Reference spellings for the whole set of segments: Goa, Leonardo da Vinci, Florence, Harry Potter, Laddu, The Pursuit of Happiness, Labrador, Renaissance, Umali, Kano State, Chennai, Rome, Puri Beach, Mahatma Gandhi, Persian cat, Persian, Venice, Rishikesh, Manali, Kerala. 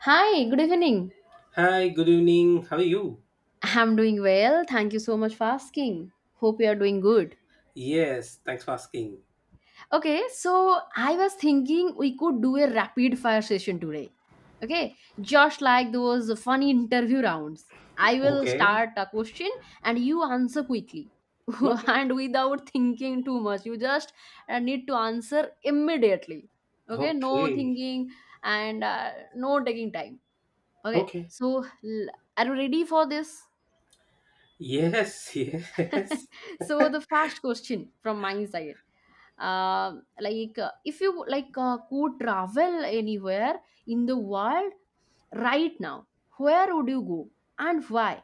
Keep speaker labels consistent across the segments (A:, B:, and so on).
A: Hi, good evening.
B: Hi, good evening. How are you?
A: I'm doing well. Thank you so much for asking. Hope you are doing good.
B: Yes, thanks for asking.
A: Okay, so I was thinking we could do a rapid fire session today. Okay, just like those funny interview rounds. I will
B: Okay.
A: start a question and you answer quickly,
B: Okay.
A: and without thinking too much. You just need to answer immediately. Okay, no
B: Okay.
A: thinking and no taking time. Okay,
B: Okay.
A: so. Are you ready for this?
B: Yes, yes.
A: So the first question from my side, if you could travel anywhere in the world right now, where would you go and why?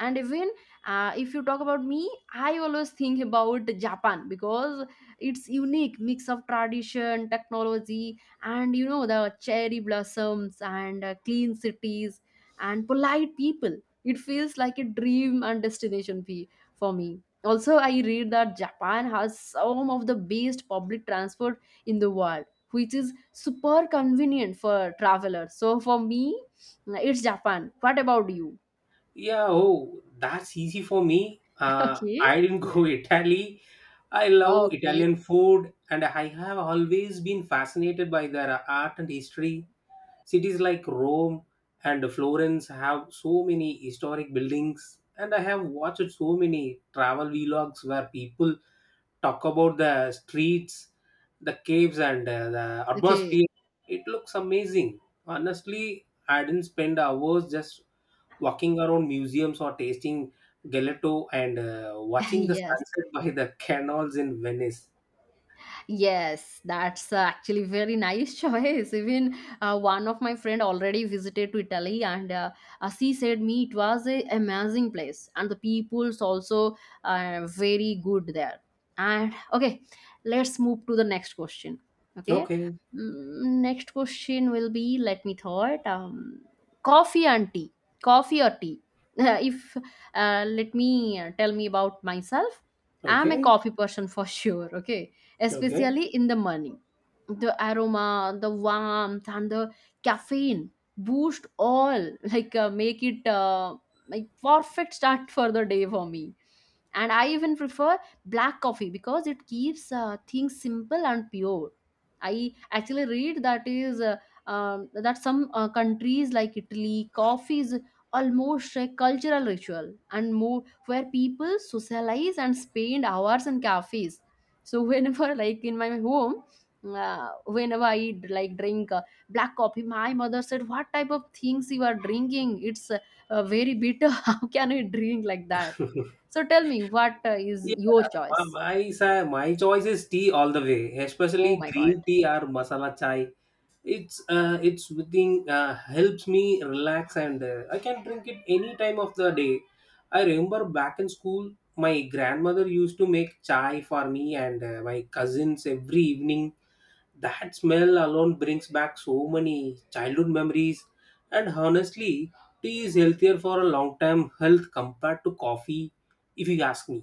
A: And even, if you talk about me, I always think about Japan, because it's unique mix of tradition, technology, and the cherry blossoms, and clean cities and polite people. It feels like a dream and destination fee for me. Also, I read that Japan has some of the best public transport in the world, which is super convenient for travelers. So for me, it's Japan. What about you?
B: Yeah, oh, that's easy for me.
A: Okay.
B: I didn't go Italy. I
A: Wow,
B: love
A: okay.
B: Italian food and I have always been fascinated by their art and history. Cities like Rome and Florence have so many historic buildings and I have watched so many travel vlogs where people talk about the streets, the caves, and the
A: Okay.
B: atmosphere. It looks amazing. Honestly, I didn't spend hours just walking around museums or tasting gelato and watching the
A: Yes.
B: sunset by the canals in Venice.
A: Yes, that's actually very nice choice. Even, one of my friend already visited to Italy, and she said me it was a amazing place, and the people's also very good there. And okay, let's move to the next question. Okay.
B: Okay,
A: Next question will be, let me thought. Coffee and tea, coffee or tea? If, let me tell me about myself, I'm a
B: okay,
A: coffee person for sure. Okay,
B: okay.
A: especially in the morning. The aroma, the warmth, and the caffeine boost all make it, like perfect start for the day for me. And I even prefer black coffee, because it keeps things simple and pure. I actually read that is, that some countries like Italy, coffee is almost a cultural ritual and more, where people socialize and spend hours in cafes. So whenever, like, in my home, whenever I like drink black coffee, my mother said, what type of things you are drinking? It's very bitter. How can you drink like that? So tell me, what is
B: Yeah,
A: your
B: my
A: choice?
B: my sa- my choice is tea all the way, especially
A: Oh my God.
B: green tea or masala chai. It's within, helps me relax and I can drink it any time of the day. I remember back in school, my grandmother used to make chai for me and my cousins every evening. That smell alone brings back so many childhood memories, and honestly, tea is healthier for a long time health compared to coffee, if you ask me.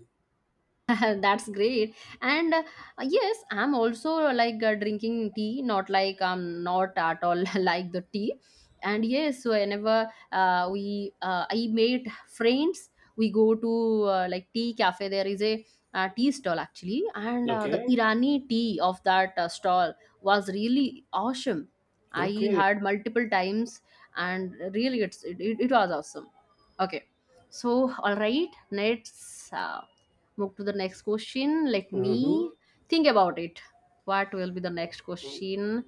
A: That's great. And yes, I'm also, drinking tea, not like, I'm not at all like the tea. And yes, whenever, we I made friends, we go to like tea cafe. There is a tea stall actually, and the
B: Okay.
A: Irani tea of that stall was really awesome. I
B: Okay.
A: had multiple times, and really, it was awesome. Okay, so all right, next. Move to the next question. Let
B: Mm-hmm.
A: me think about it. What will be the next question?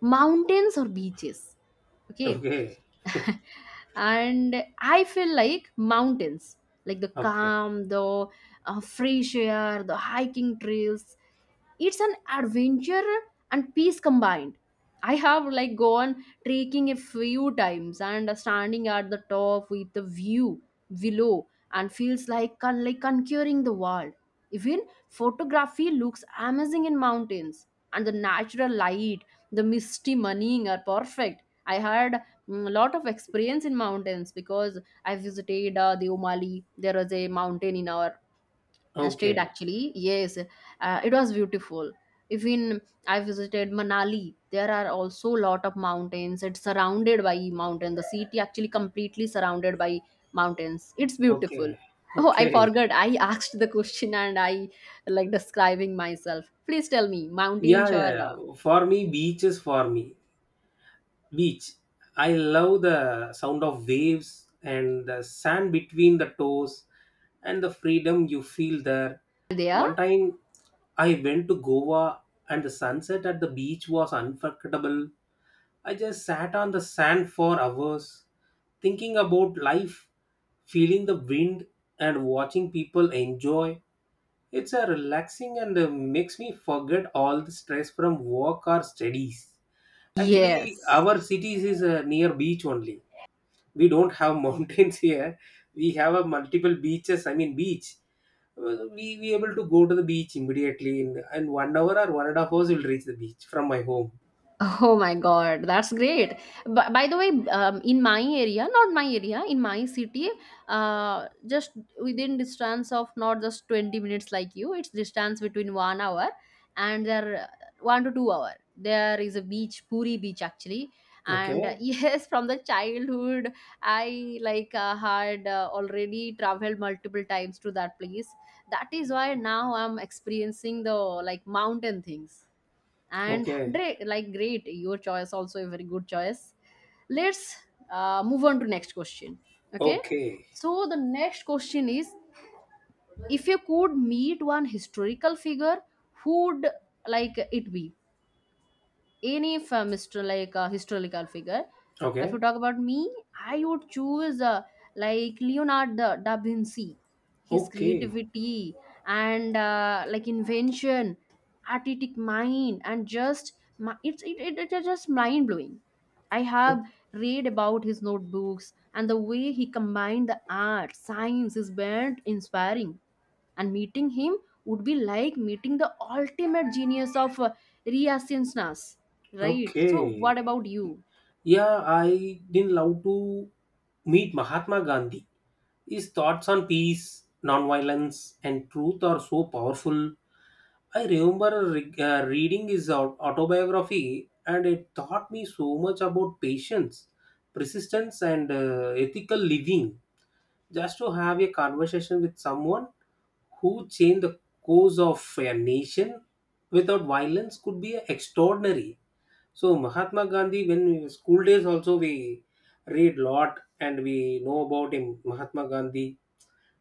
A: Mountains or beaches? Okay.
B: Okay.
A: And I feel like mountains, like the
B: Okay.
A: calm, the fresh air, the hiking trails. It's an adventure and peace combined. I have like gone trekking a few times, and standing at the top with the view below, and feels like conquering the world. Even photography looks amazing in mountains, and the natural light, the misty morning are perfect. I heard, lot of experience in mountains, because I visited the Umali. There was a mountain in our state
B: Okay.
A: actually. Yes, it was beautiful. Even I visited Manali. There are also lot of mountains. It's surrounded by mountain. The city actually completely surrounded by mountains. It's beautiful.
B: Okay.
A: Oh, I
B: Okay.
A: forgot. I asked the question and I like describing myself. Please tell me,
B: Yeah,
A: mountains
B: yeah,
A: are
B: yeah. For me, beach is for me. Beach. I love the sound of waves and the sand between the toes and the freedom you feel there.
A: there?
B: One time I went to Goa and the sunset at the beach was unforgettable. I just sat on the sand for hours thinking about life, feeling the wind and watching people enjoy. It's a relaxing and makes me forget all the stress from work or studies. Actually,
A: Yes.
B: our cities is near beach only. We don't have mountains here. We have a multiple beaches. I mean beach. We able to go to the beach immediately in 1 hour or 1.5 hours. We'll reach the beach from my home.
A: Oh my God, that's great. But by the way, in my area, not my area, in my city, just within distance of not just 20 minutes like you, it's distance between 1 hour and there 1 to 2 hour. There is a beach, Puri Beach actually. And
B: Okay.
A: yes, from the childhood, I like had already traveled multiple times to that place. That is why now I'm experiencing the like mountain things and
B: Okay.
A: great. Your choice also a very good choice. Let's move on to next question. Okay,
B: Okay.
A: so the next question is, if you could meet one historical figure, who would like it be? Any from historical figure. If you
B: Okay.
A: talk about me, I would choose like Leonardo da Vinci. His
B: Okay.
A: creativity and, like invention, artistic mind, and just it is just mind blowing. I
B: O-
A: have read about his notebooks, and the way he combined the art science is very inspiring, and meeting him would be like meeting the ultimate genius of renaissance, right? So what
B: Okay.
A: about you?
B: Yeah, I didn't love to meet Mahatma Gandhi. His thoughts on peace, nonviolence, and truth are so powerful. I remember reading his autobiography, and it taught me so much about patience, persistence, and ethical living. Just to have a conversation with someone who changed the course of a nation without violence could be extraordinary. So Mahatma Gandhi, when we were school days also, we read lot and we know about him. Mahatma Gandhi,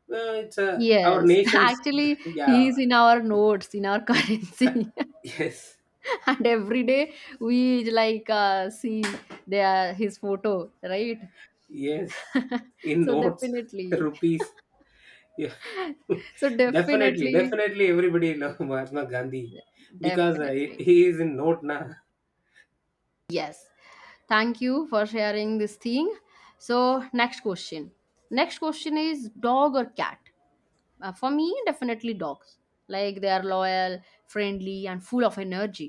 B: well, it's a our
A: Yes,
B: nation's
A: actually he
B: yeah.
A: is in our notes, in our currency.
B: Yes.
A: And every day we see their his photo, right?
B: Yes, in
A: So
B: notes.
A: definitely,
B: Rupees. Yeah.
A: so
B: Definitely,
A: definitely,
B: definitely everybody love Mahatma Gandhi, because he
A: definitely,
B: is in note na.
A: yes. Thank you for sharing this thing. So next question, next question is dog or cat? For me, definitely dogs. Like, they are loyal, friendly, and full of energy.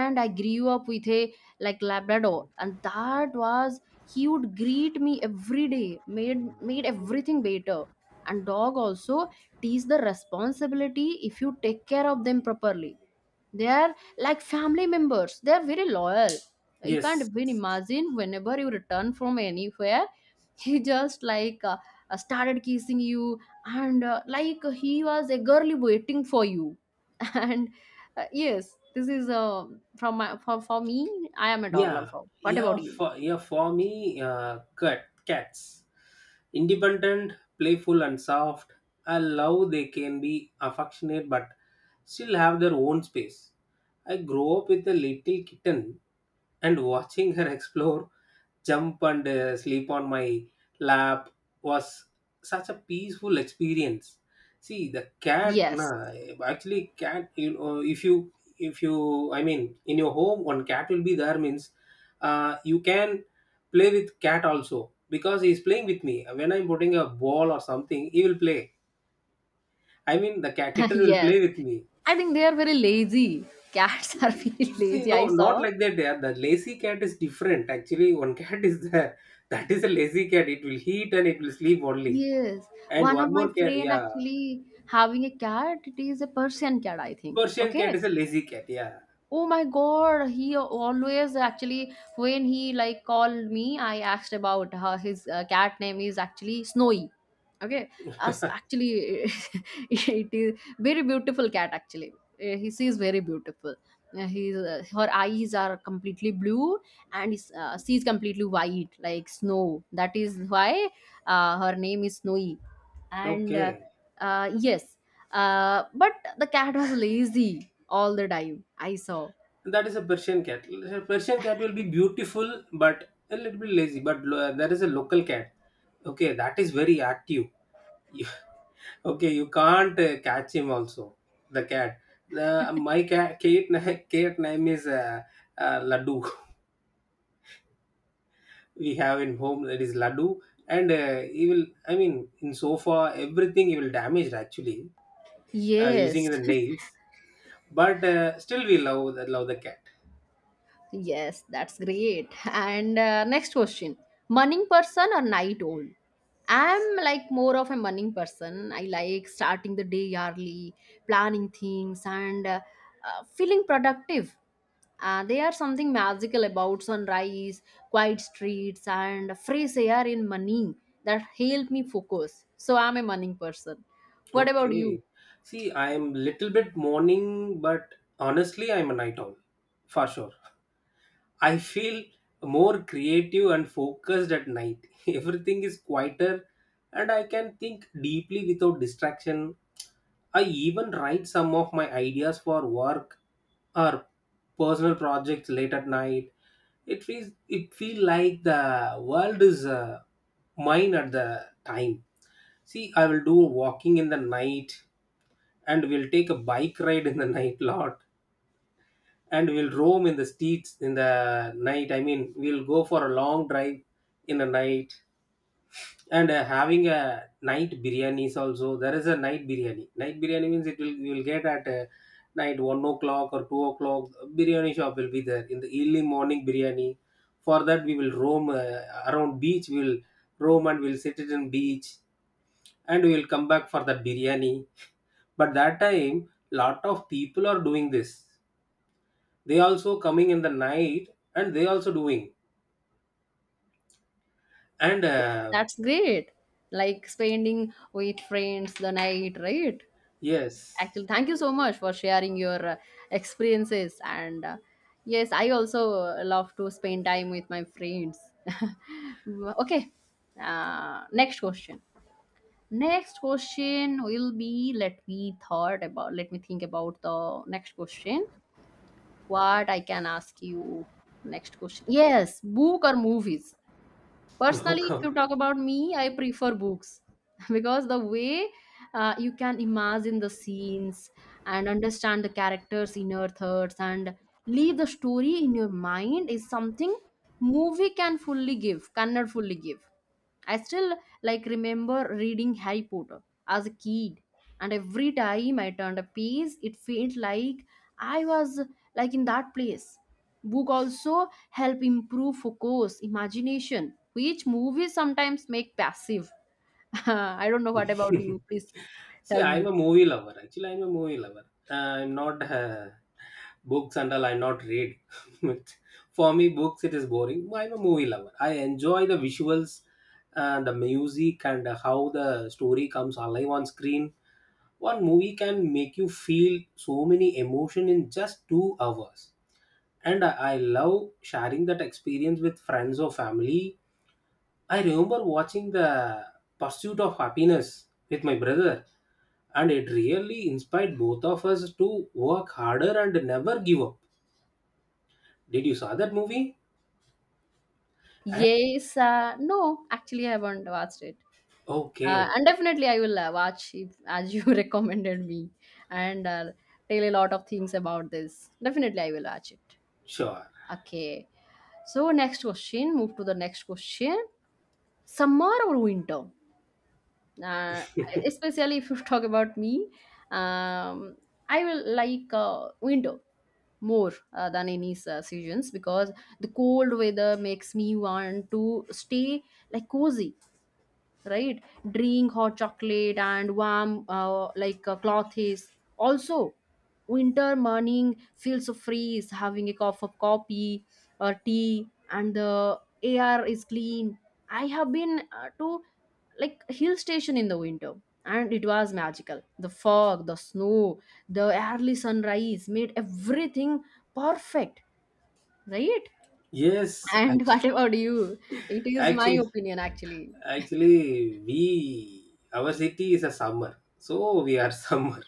A: And I grew up with a like Labrador, and that was, he would greet me every day, made everything better. And dog also teach the responsibility. If you take care of them properly, they are like family members. They are very loyal. You can't
B: Yes.
A: even imagine, whenever you return from anywhere, he just started kissing you, and like he was eagerly waiting for you. And yes, this is from my, for me, I am a dog
B: Yeah,
A: lover. What
B: yeah
A: about you?
B: for, yeah for me, uh, cat. Cats, independent, playful and soft. I love they can be affectionate but still have their own space. I grew up with a little kitten and watching her explore, jump, and sleep on my lap was such a peaceful experience. See, the cat,
A: Yes,
B: nah, actually, cat, you know, if you, I mean, in your home, one cat will be there means you can play with cat also because he's playing with me. When I'm putting a ball or something, he will play. I mean, the cat kitten will play
A: yes,
B: with me.
A: I think they are very lazy. Cats are very
B: You see,
A: lazy, I
B: no, not
A: saw.
B: like that. Yeah, the lazy cat is different. Actually, one cat is there. That is a lazy cat. It will eat and it will sleep only.
A: Yes,
B: And
A: one of
B: one
A: my
B: more cat,
A: friend
B: yeah,
A: actually having a cat. It is a Persian cat, I think.
B: Persian cat
A: Okay,
B: is a lazy cat. Yeah,
A: oh my God, he always, actually, when he like called me, I asked about her. His cat name is actually Snowy. Okay, us actually it is very beautiful cat actually. He is very beautiful. His Her eyes are completely blue, and his sees completely white like snow. That is why her name is Snowy. And
B: okay,
A: yes, but the cat was lazy all the time, I saw.
B: that is a Persian cat. A Persian cat will be beautiful but a little bit lazy. But there is a local cat. Okay, that is very active. You- Okay, you can't catch him also. The cat. The my cat, cat, cat name is Laddu. We have in home that is Laddu, and he will, I mean, in sofa everything he will damage actually, using
A: Yes,
B: the nails, but still we love the cat.
A: yes, that's great. And next question, morning person or night owl? I'm like more of a morning person. I like starting the day early, planning things, and feeling productive. There are something magical about sunrise, quiet streets, and fresh air in morning that help me focus. So I'm a morning person. What about you?
B: Okay, see, I am little bit morning, but honestly, I'm a night owl for sure. I feel more creative and focused at night. Everything is quieter and I can think deeply without distraction. I even write some of my ideas for work or personal projects late at night. It feels it feel like the world is mine at the time. See, I will do walking in the night and we'll take a bike ride in the night lot, and we'll roam in the streets in the night. I mean, we'll go for a long drive in the night, and having a night biryani is also there. Is a night biryani, night biryani means it will, you will get at night 1 o'clock or 2 o'clock. Biryani shop will be there in the early morning biryani. For that we will roam around beach, we will roam and we'll sit it in beach, and we will come back for that biryani. But that time lot of people are doing this. They also coming in the night and they also doing, and
A: That's great. Like spending with friends the night, right?
B: yes.
A: Actually, thank you so much for sharing your experiences. And yes, I also love to spend time with my friends. Okay. Next question. Next question will be, let me thought about let me think about the next question. What I can ask you next question. Yes, book or movies? Personally, if you talk about me, I prefer books because the way you can imagine the scenes and understand the characters' inner thoughts and leave the story in your mind is something movie cannot fully give. I still like remember reading Harry Potter as a kid, and every time I turned a page, it felt like I was like in that place. Book also help improve focus, imagination, which movies sometimes make passive. I don't know what about you. Please
B: See,
A: tell
B: I'm
A: me.
B: a movie lover. Actually, I'm a movie lover. I'm not books and all. I not read. But for me, books it is boring. I'm a movie lover. I enjoy the visuals, and the music, and how the story comes alive on screen. One movie can make you feel so many emotion in just 2 hours, and I love sharing that experience with friends or family. I remember watching The Pursuit of Happiness with my brother, and it really inspired both of us to work harder and never give up. Did you saw that movie? And
A: Yes, no, actually I haven't watched it.
B: okay,
A: And definitely, I will watch it, as you recommended me, and tell a lot of things about this. Definitely, I will watch it.
B: sure.
A: Okay. So, next question, move to the next question. Summer or winter? Uh, Especially if you talk about me, um, I will like winter more than any seasons, because the cold weather makes me want to stay like cozy, right? Drink hot chocolate, and warm, cloth is also. Winter morning feels so freeze, having a cup of coffee or tea, and the air is clean. I have been to like hill station in the winter, and it was magical. The fog, the snow, the early sunrise made everything perfect, right?
B: Yes,
A: And what about you? It is my
B: actually,
A: opinion actually.
B: actually, we our city is a summer, so we are summer.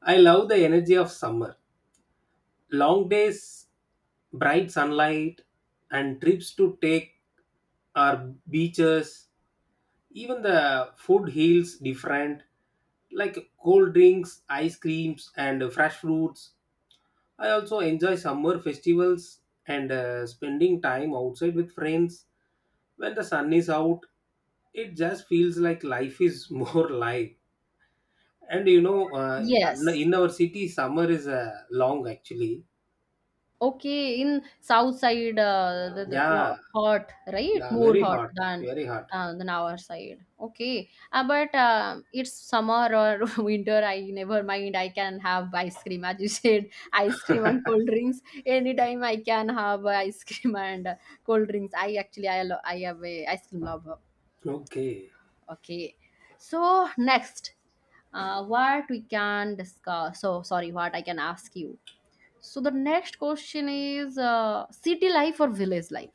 B: I love the energy of summer. Long days, bright sunlight, and trips to take our beaches. Even the food heals different, like cold drinks, ice creams, and fresh fruits. I also enjoy summer festivals and spending time outside with friends. When the sun is out, it just feels like life is more live. And you know,
A: Yes.
B: in our city, summer is long actually.
A: Okay, in south side, the, the
B: Yeah,
A: lo- hot, right?
B: yeah,
A: More
B: very
A: hot
B: hot, very hot.
A: than our side. Okay, but it's summer or winter. I never mind. I can have ice cream, as you said, ice cream and cold drinks. Anytime I can have ice cream and cold drinks. I actually I have a ice cream lover.
B: Okay,
A: Okay, so next, what we can discuss? So sorry, what I can ask you, so the next question is, city life or village life?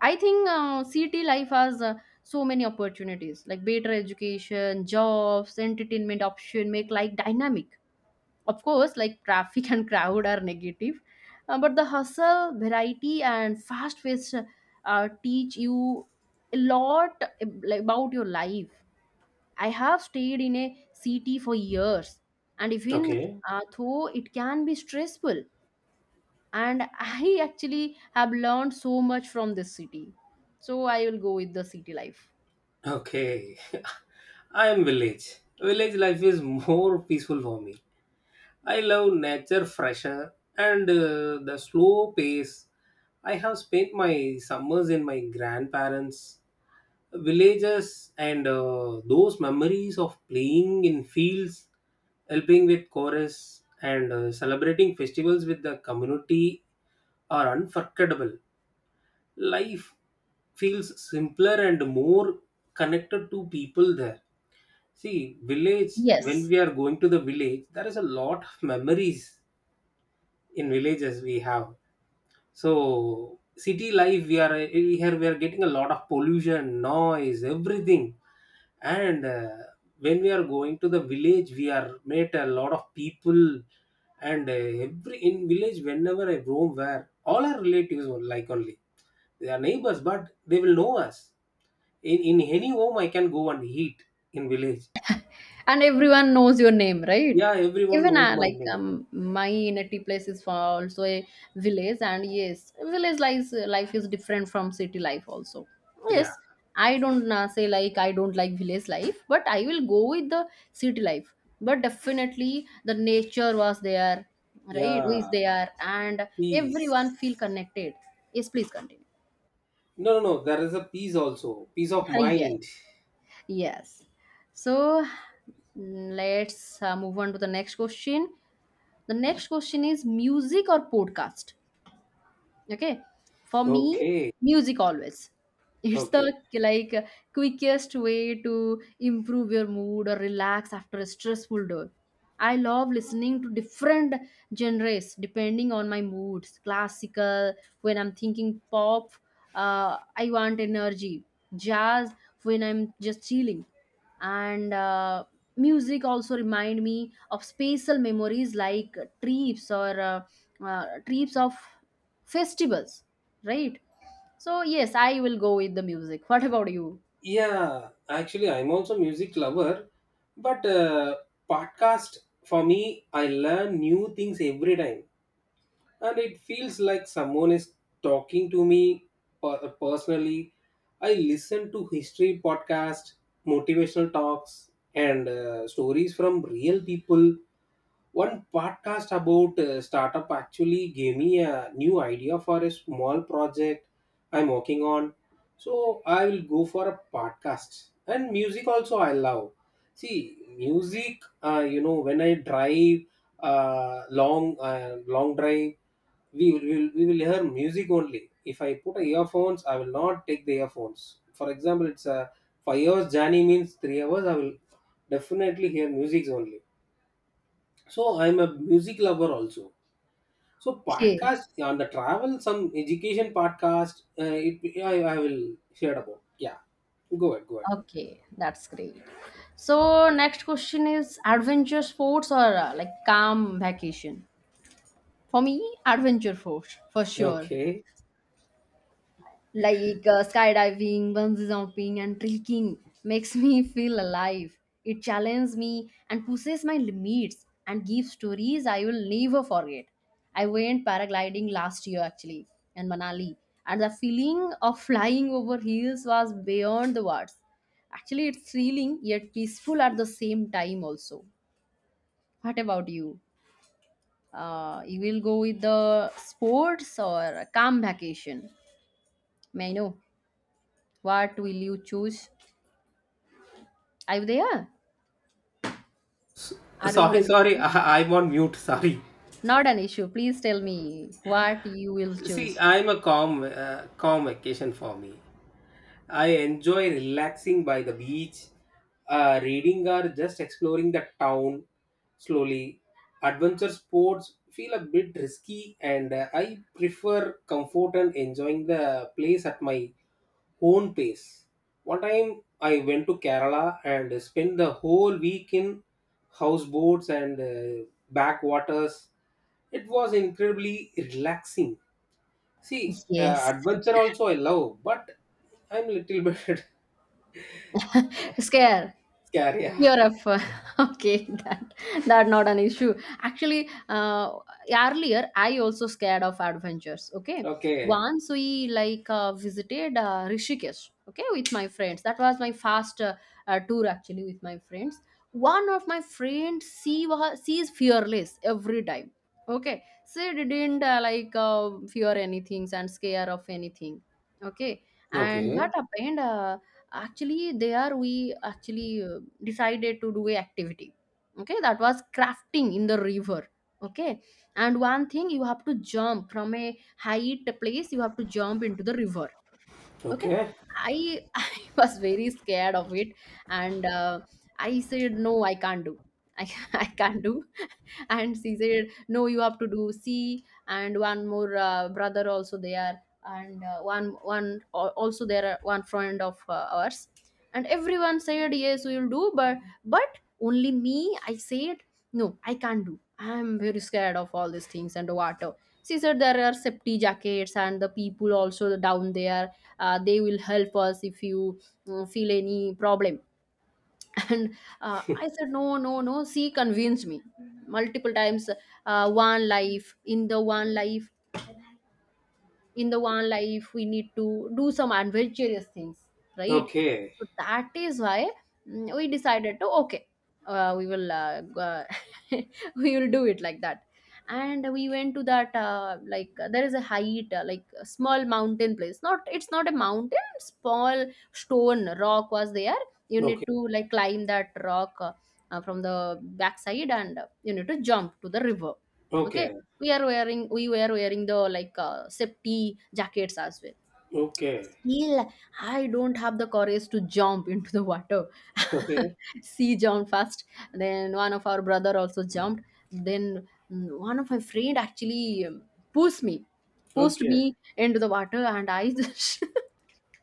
A: I think city life has so many opportunities like better education, jobs, entertainment option make life dynamic. Of course, like traffic and crowd are negative, but the hustle, variety, and fast pace teach you a lot about your life. I have stayed in a city for years, and even
B: okay.
A: though it can be stressful, and I actually have learned so much from this city, so I will go with the city life.
B: Okay, I am village. Village life is more peaceful for me. I love nature, fresher, and the slow pace. I have spent my summers in my grandparents' villages, and those memories of playing in fields, helping with chorus, and celebrating festivals with the community are unforgettable. Life feels simpler and more connected to people there. See, village, when
A: Yes.
B: we are going to the village, there is a lot of memories in villages we have. So, city life, we are we are getting a lot of pollution, noise, everything. And when we are going to the village, we are met a lot of people. And every in village, whenever I roam, where all our relatives are like only they are neighbors, but they will know us. In any home, I can go and eat in village.
A: And everyone knows your name, right?
B: Yeah, everyone
A: Even
B: knows my name.
A: my native place is for also a village, and yes, village life, life is different from city life also.
B: Yeah,
A: Yes, I don't say like I don't like village life, but I will go with the city life. But definitely the nature was there, right? Who is
B: yeah,
A: there, and everyone feel
B: peace.
A: connected. Yes, please continue.
B: No, no, no, there is a peace also, peace of
A: Hi, yes.
B: mind.
A: Yes. So let's move on to the next question. The next question is music or podcast? Okay. For me,
B: Okay,
A: music always. It's
B: okay.
A: the like quickest way to improve your mood or relax after a stressful day. I love listening to different genres depending on my moods. Classical when I'm thinking pop, I want energy. Jazz when I'm just chilling, and music also remind me of spatial memories like trips or trips of festivals, right? So yes, I will go with the music. What about you?
B: Yeah, actually, I'm also music lover, but podcast for me, I learn new things every time, and it feels like someone is talking to me personally. I listen to history podcast, motivational talks, and stories from real people. One podcast about startup actually gave me a new idea for a small project I'm working on. So I will go for a podcast. And music also I love. See, music, you know, when I drive uh, long drive, we will hear music only. If I put a earphones, I will not take the earphones. For example, it's a 5 hours journey means 3 hours. I will definitely hear music only, so I'm a music lover also. So
A: Okay.
B: podcast yeah, on the travel, some education podcast. It yeah, I will share about. Yeah, go ahead, go ahead.
A: Okay, that's great. So next question is adventure sports or like calm vacation? For me, adventure sports for sure.
B: Okay.
A: Like skydiving, bungee jumping, and trekking makes me feel alive. It challenges me and pushes my limits and gives stories I will never forget. I went paragliding last year actually in Manali, and the feeling of flying over hills was beyond the words. Actually, it's thrilling yet peaceful at the same time, also. What about you? You will go with the sports or a calm vacation? May I know what will you choose? Are you there? Are we
B: Sorry, sorry.
A: connected?
B: I, I'm on mute. Sorry.
A: Not an issue. Please tell me what you will
B: See,
A: choose.
B: I'm a calm, calm vacation for me. I enjoy relaxing by the beach, reading or just exploring the town slowly. Adventure sports feel a bit risky, and I prefer comfort and enjoying the place at my own pace. One time I went to Kerala and spent the whole week in houseboats and backwaters. It was incredibly relaxing. See,
A: Yes.
B: adventure also I love, but I'm little bit.
A: Scare.
B: Career.
A: Fear of up. Okay, that, that not an issue. Actually earlier I also scared of adventures. Okay,
B: Okay.
A: once we like visited Rishikesh, okay, with my friends. That was my first tour actually with my friends. One of my friends, she is fearless every time. Okay, she didn't like fear anything and scare of anything. Okay. And
B: Okay.
A: what happened, actually there we actually decided to do a activity. Okay, that was crafting in the river. Okay. And one thing, you have to jump from a height place, you have to jump into the river. Okay.
B: Okay.
A: I I was very scared of it, and I said no, I can't do. I I can't do. And she said no, you have to do C, and one more brother also there, and also there are one friend of ours, and everyone said yes, we will do, but only me. I said no, I can't do. I'm very scared of all these things and the water. She said there are safety jackets and the people also down there, they will help us if you feel any problem. And I said no, no, no, she convinced me multiple times. Uh, one life in the one life, in the one life we need to do some adventurous things, right?
B: Okay.
A: So that is why, we decided to, okay, we will we will do it like that. And we went to that there is a height, like a small mountain place, not it's not a mountain, small stone rock was there. You
B: Okay.
A: need to like climb that rock, from the backside, and you need to jump to the river. Okay.
B: Okay.
A: We were wearing the like safety jackets as well.
B: Okay.
A: Still, I don't have the courage to jump into the water.
B: Okay.
A: She jumped first, then one of our brother also jumped. Then one of my friend actually pushed me, pushed
B: Okay.
A: me into the water, and I just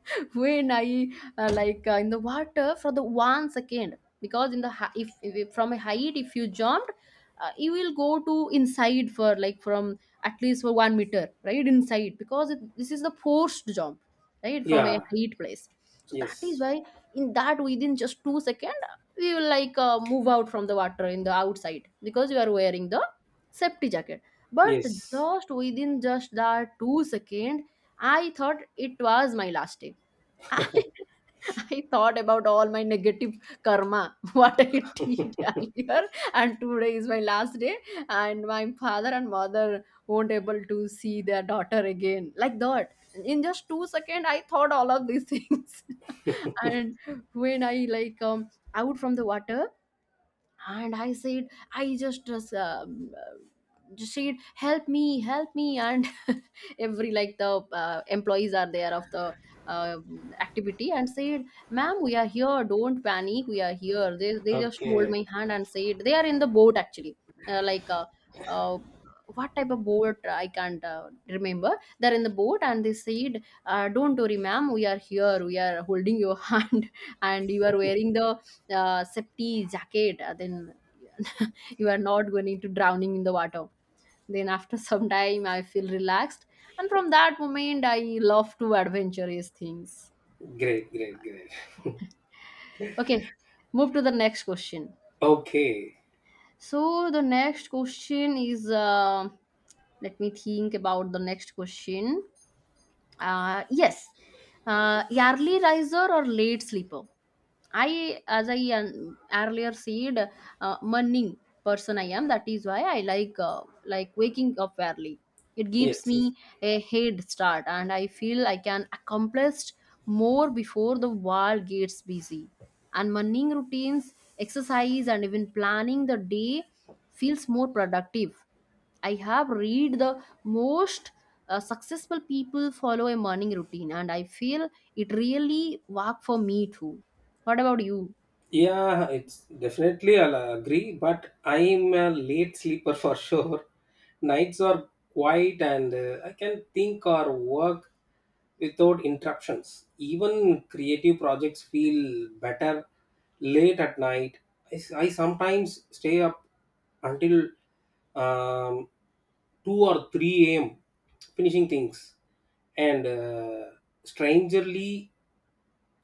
A: when I in the water for the 1 second, because in the if from a height if you jumped, you will go to inside for like from at least for 1 meter right inside, because it, this is the forced jump, right, from a
B: Yeah.
A: height place. So that is
B: Yes.
A: why in that within just 2 second we will like move out from the water in the outside, because you are wearing the safety jacket. But
B: Yes.
A: just within just that 2 second, I thought it was my last day. I I thought about all my negative karma, what I did earlier, and today is my last day, and my father and mother won't able to see their daughter again. Like that. In just 2 seconds, I thought all of these things. And when I like out from the water, and I said I um, uh, just said help me, help me. And every like the employees are there of the uh, activity, and said, ma'am, we are here, don't panic, we are here. They just hold
B: Okay.
A: my hand and said they are in the boat actually. Uh, uh, what type of boat I can't remember. They're in the boat and they said don't worry, ma'am, we are here, we are holding your hand, and you are wearing the safety jacket, then you are not going to drowning in the water. Then after some time I feel relaxed, and from that moment I love to adventurous things.
B: Great. Great. Great.
A: Okay, move to the next question.
B: Okay.
A: So the next question is let me think about the next question. Yes, early riser or late sleeper. I, as I earlier said, morning person I am. That is why I like waking up early. It gives me
B: Yes.
A: a head start, and I feel I can accomplish more before the world gets busy. And morning routines, exercise, and even planning the day feels more productive. I have read the most successful people follow a morning routine, and I feel it really worked for me too. What about you?
B: Yeah, it's definitely I'll agree, but I'm a late sleeper for sure. Nights are quiet and I can think or work without interruptions. Even creative projects feel better late at night. I sometimes stay up until um, 2 or 3 a.m. finishing things and strangely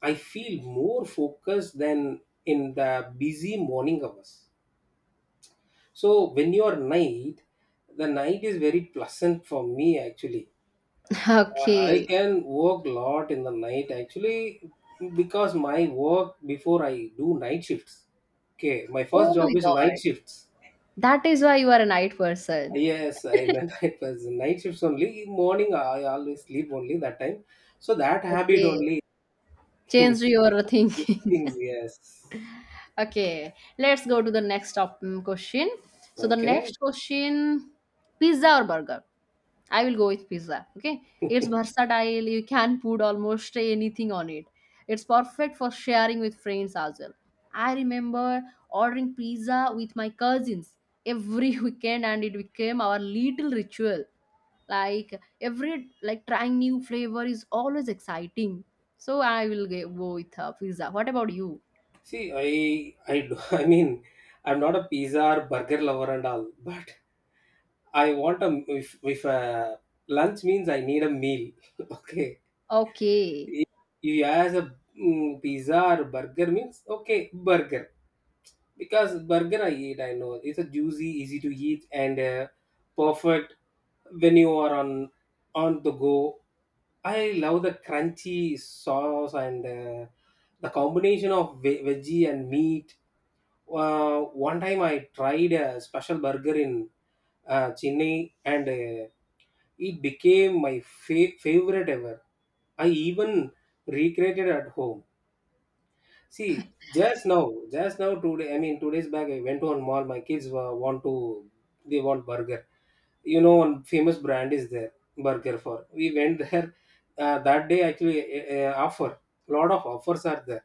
B: I feel more focused than in the busy morning hours. So when you are night, the night is very pleasant for me actually. I
A: Okay.
B: can work lot in the night actually because my work before I do night shifts. Okay, my first
A: Oh my
B: job is night
A: God.
B: shifts.
A: That is why you are a night person.
B: Yes, I meant it was night shifts only. Morning I always sleep only that time. So that habit
A: Okay.
B: only in
A: Change your
B: few
A: thinking.
B: things, yes.
A: Okay. Let's go to the next question. So, the
B: Okay.
A: next question, pizza or burger? I will go with pizza. Okay. It's versatile. You can put almost anything on it. It's perfect for sharing with friends as well. I remember ordering pizza with my cousins every weekend, and it became our little ritual. Like every like trying new flavor is always exciting. So I will go with pizza. What about you?
B: See, I mean, I'm not a pizza or burger lover and all, but I want a if a lunch means I need a meal. Okay,
A: Okay.
B: if you ask a mm, pizza or burger means okay burger, because burger I eat I know it's a juicy, easy to eat and perfect when you are on the go. I love the crunchy sauce and the combination of veggie and meat. One time I tried a special burger in Chennai, and it became my favorite ever. I even recreated at home. See, just now today, I mean, 2 days back, I went to one mall. My kids want to, they want burger. You know, one famous brand is there, burger for. We went there that day. Actually, offer, lot of offers are there.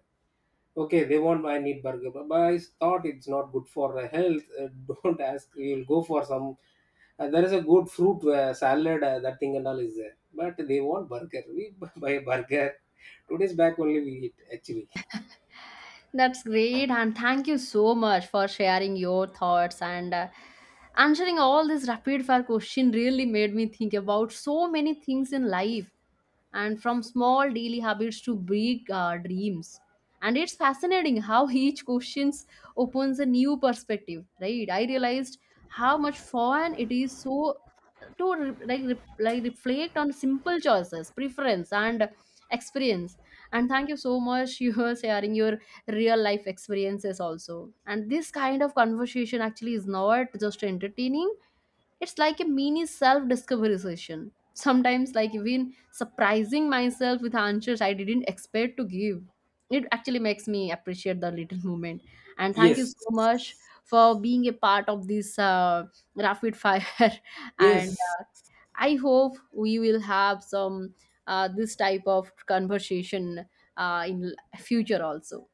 B: Okay, they want, I need burger, but I thought it's not good for the health. Don't ask, you'll go for some, there is a good fruit salad, that thing and all is there, but they want burger, we buy burger. 2 days back only we eat actually.
A: That's great, and thank you so much for sharing your thoughts and answering all this rapid fire question. Really made me think about so many things in life, and from small daily habits to big dreams. And it's fascinating how each questions opens a new perspective, right? I realized how much fun it is so to like reflect on simple choices, preference, and experience. And thank you so much you are sharing your real life experiences also, and this kind of conversation actually is not just entertaining, it's like a mini self discovery session. Sometimes like even surprising myself with answers I didn't expect to give. It actually makes me appreciate the little moment, and thank you
B: Yes.
A: so much for being a part of this rapid fire, and
B: Yes,
A: I hope we will have some this type of conversation in future also.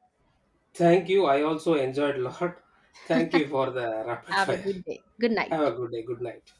B: thank you, I also enjoyed a lot. Thank you for the rapid
A: Have a
B: fire.
A: good day. Good
B: Have a
A: night.
B: good day, good night.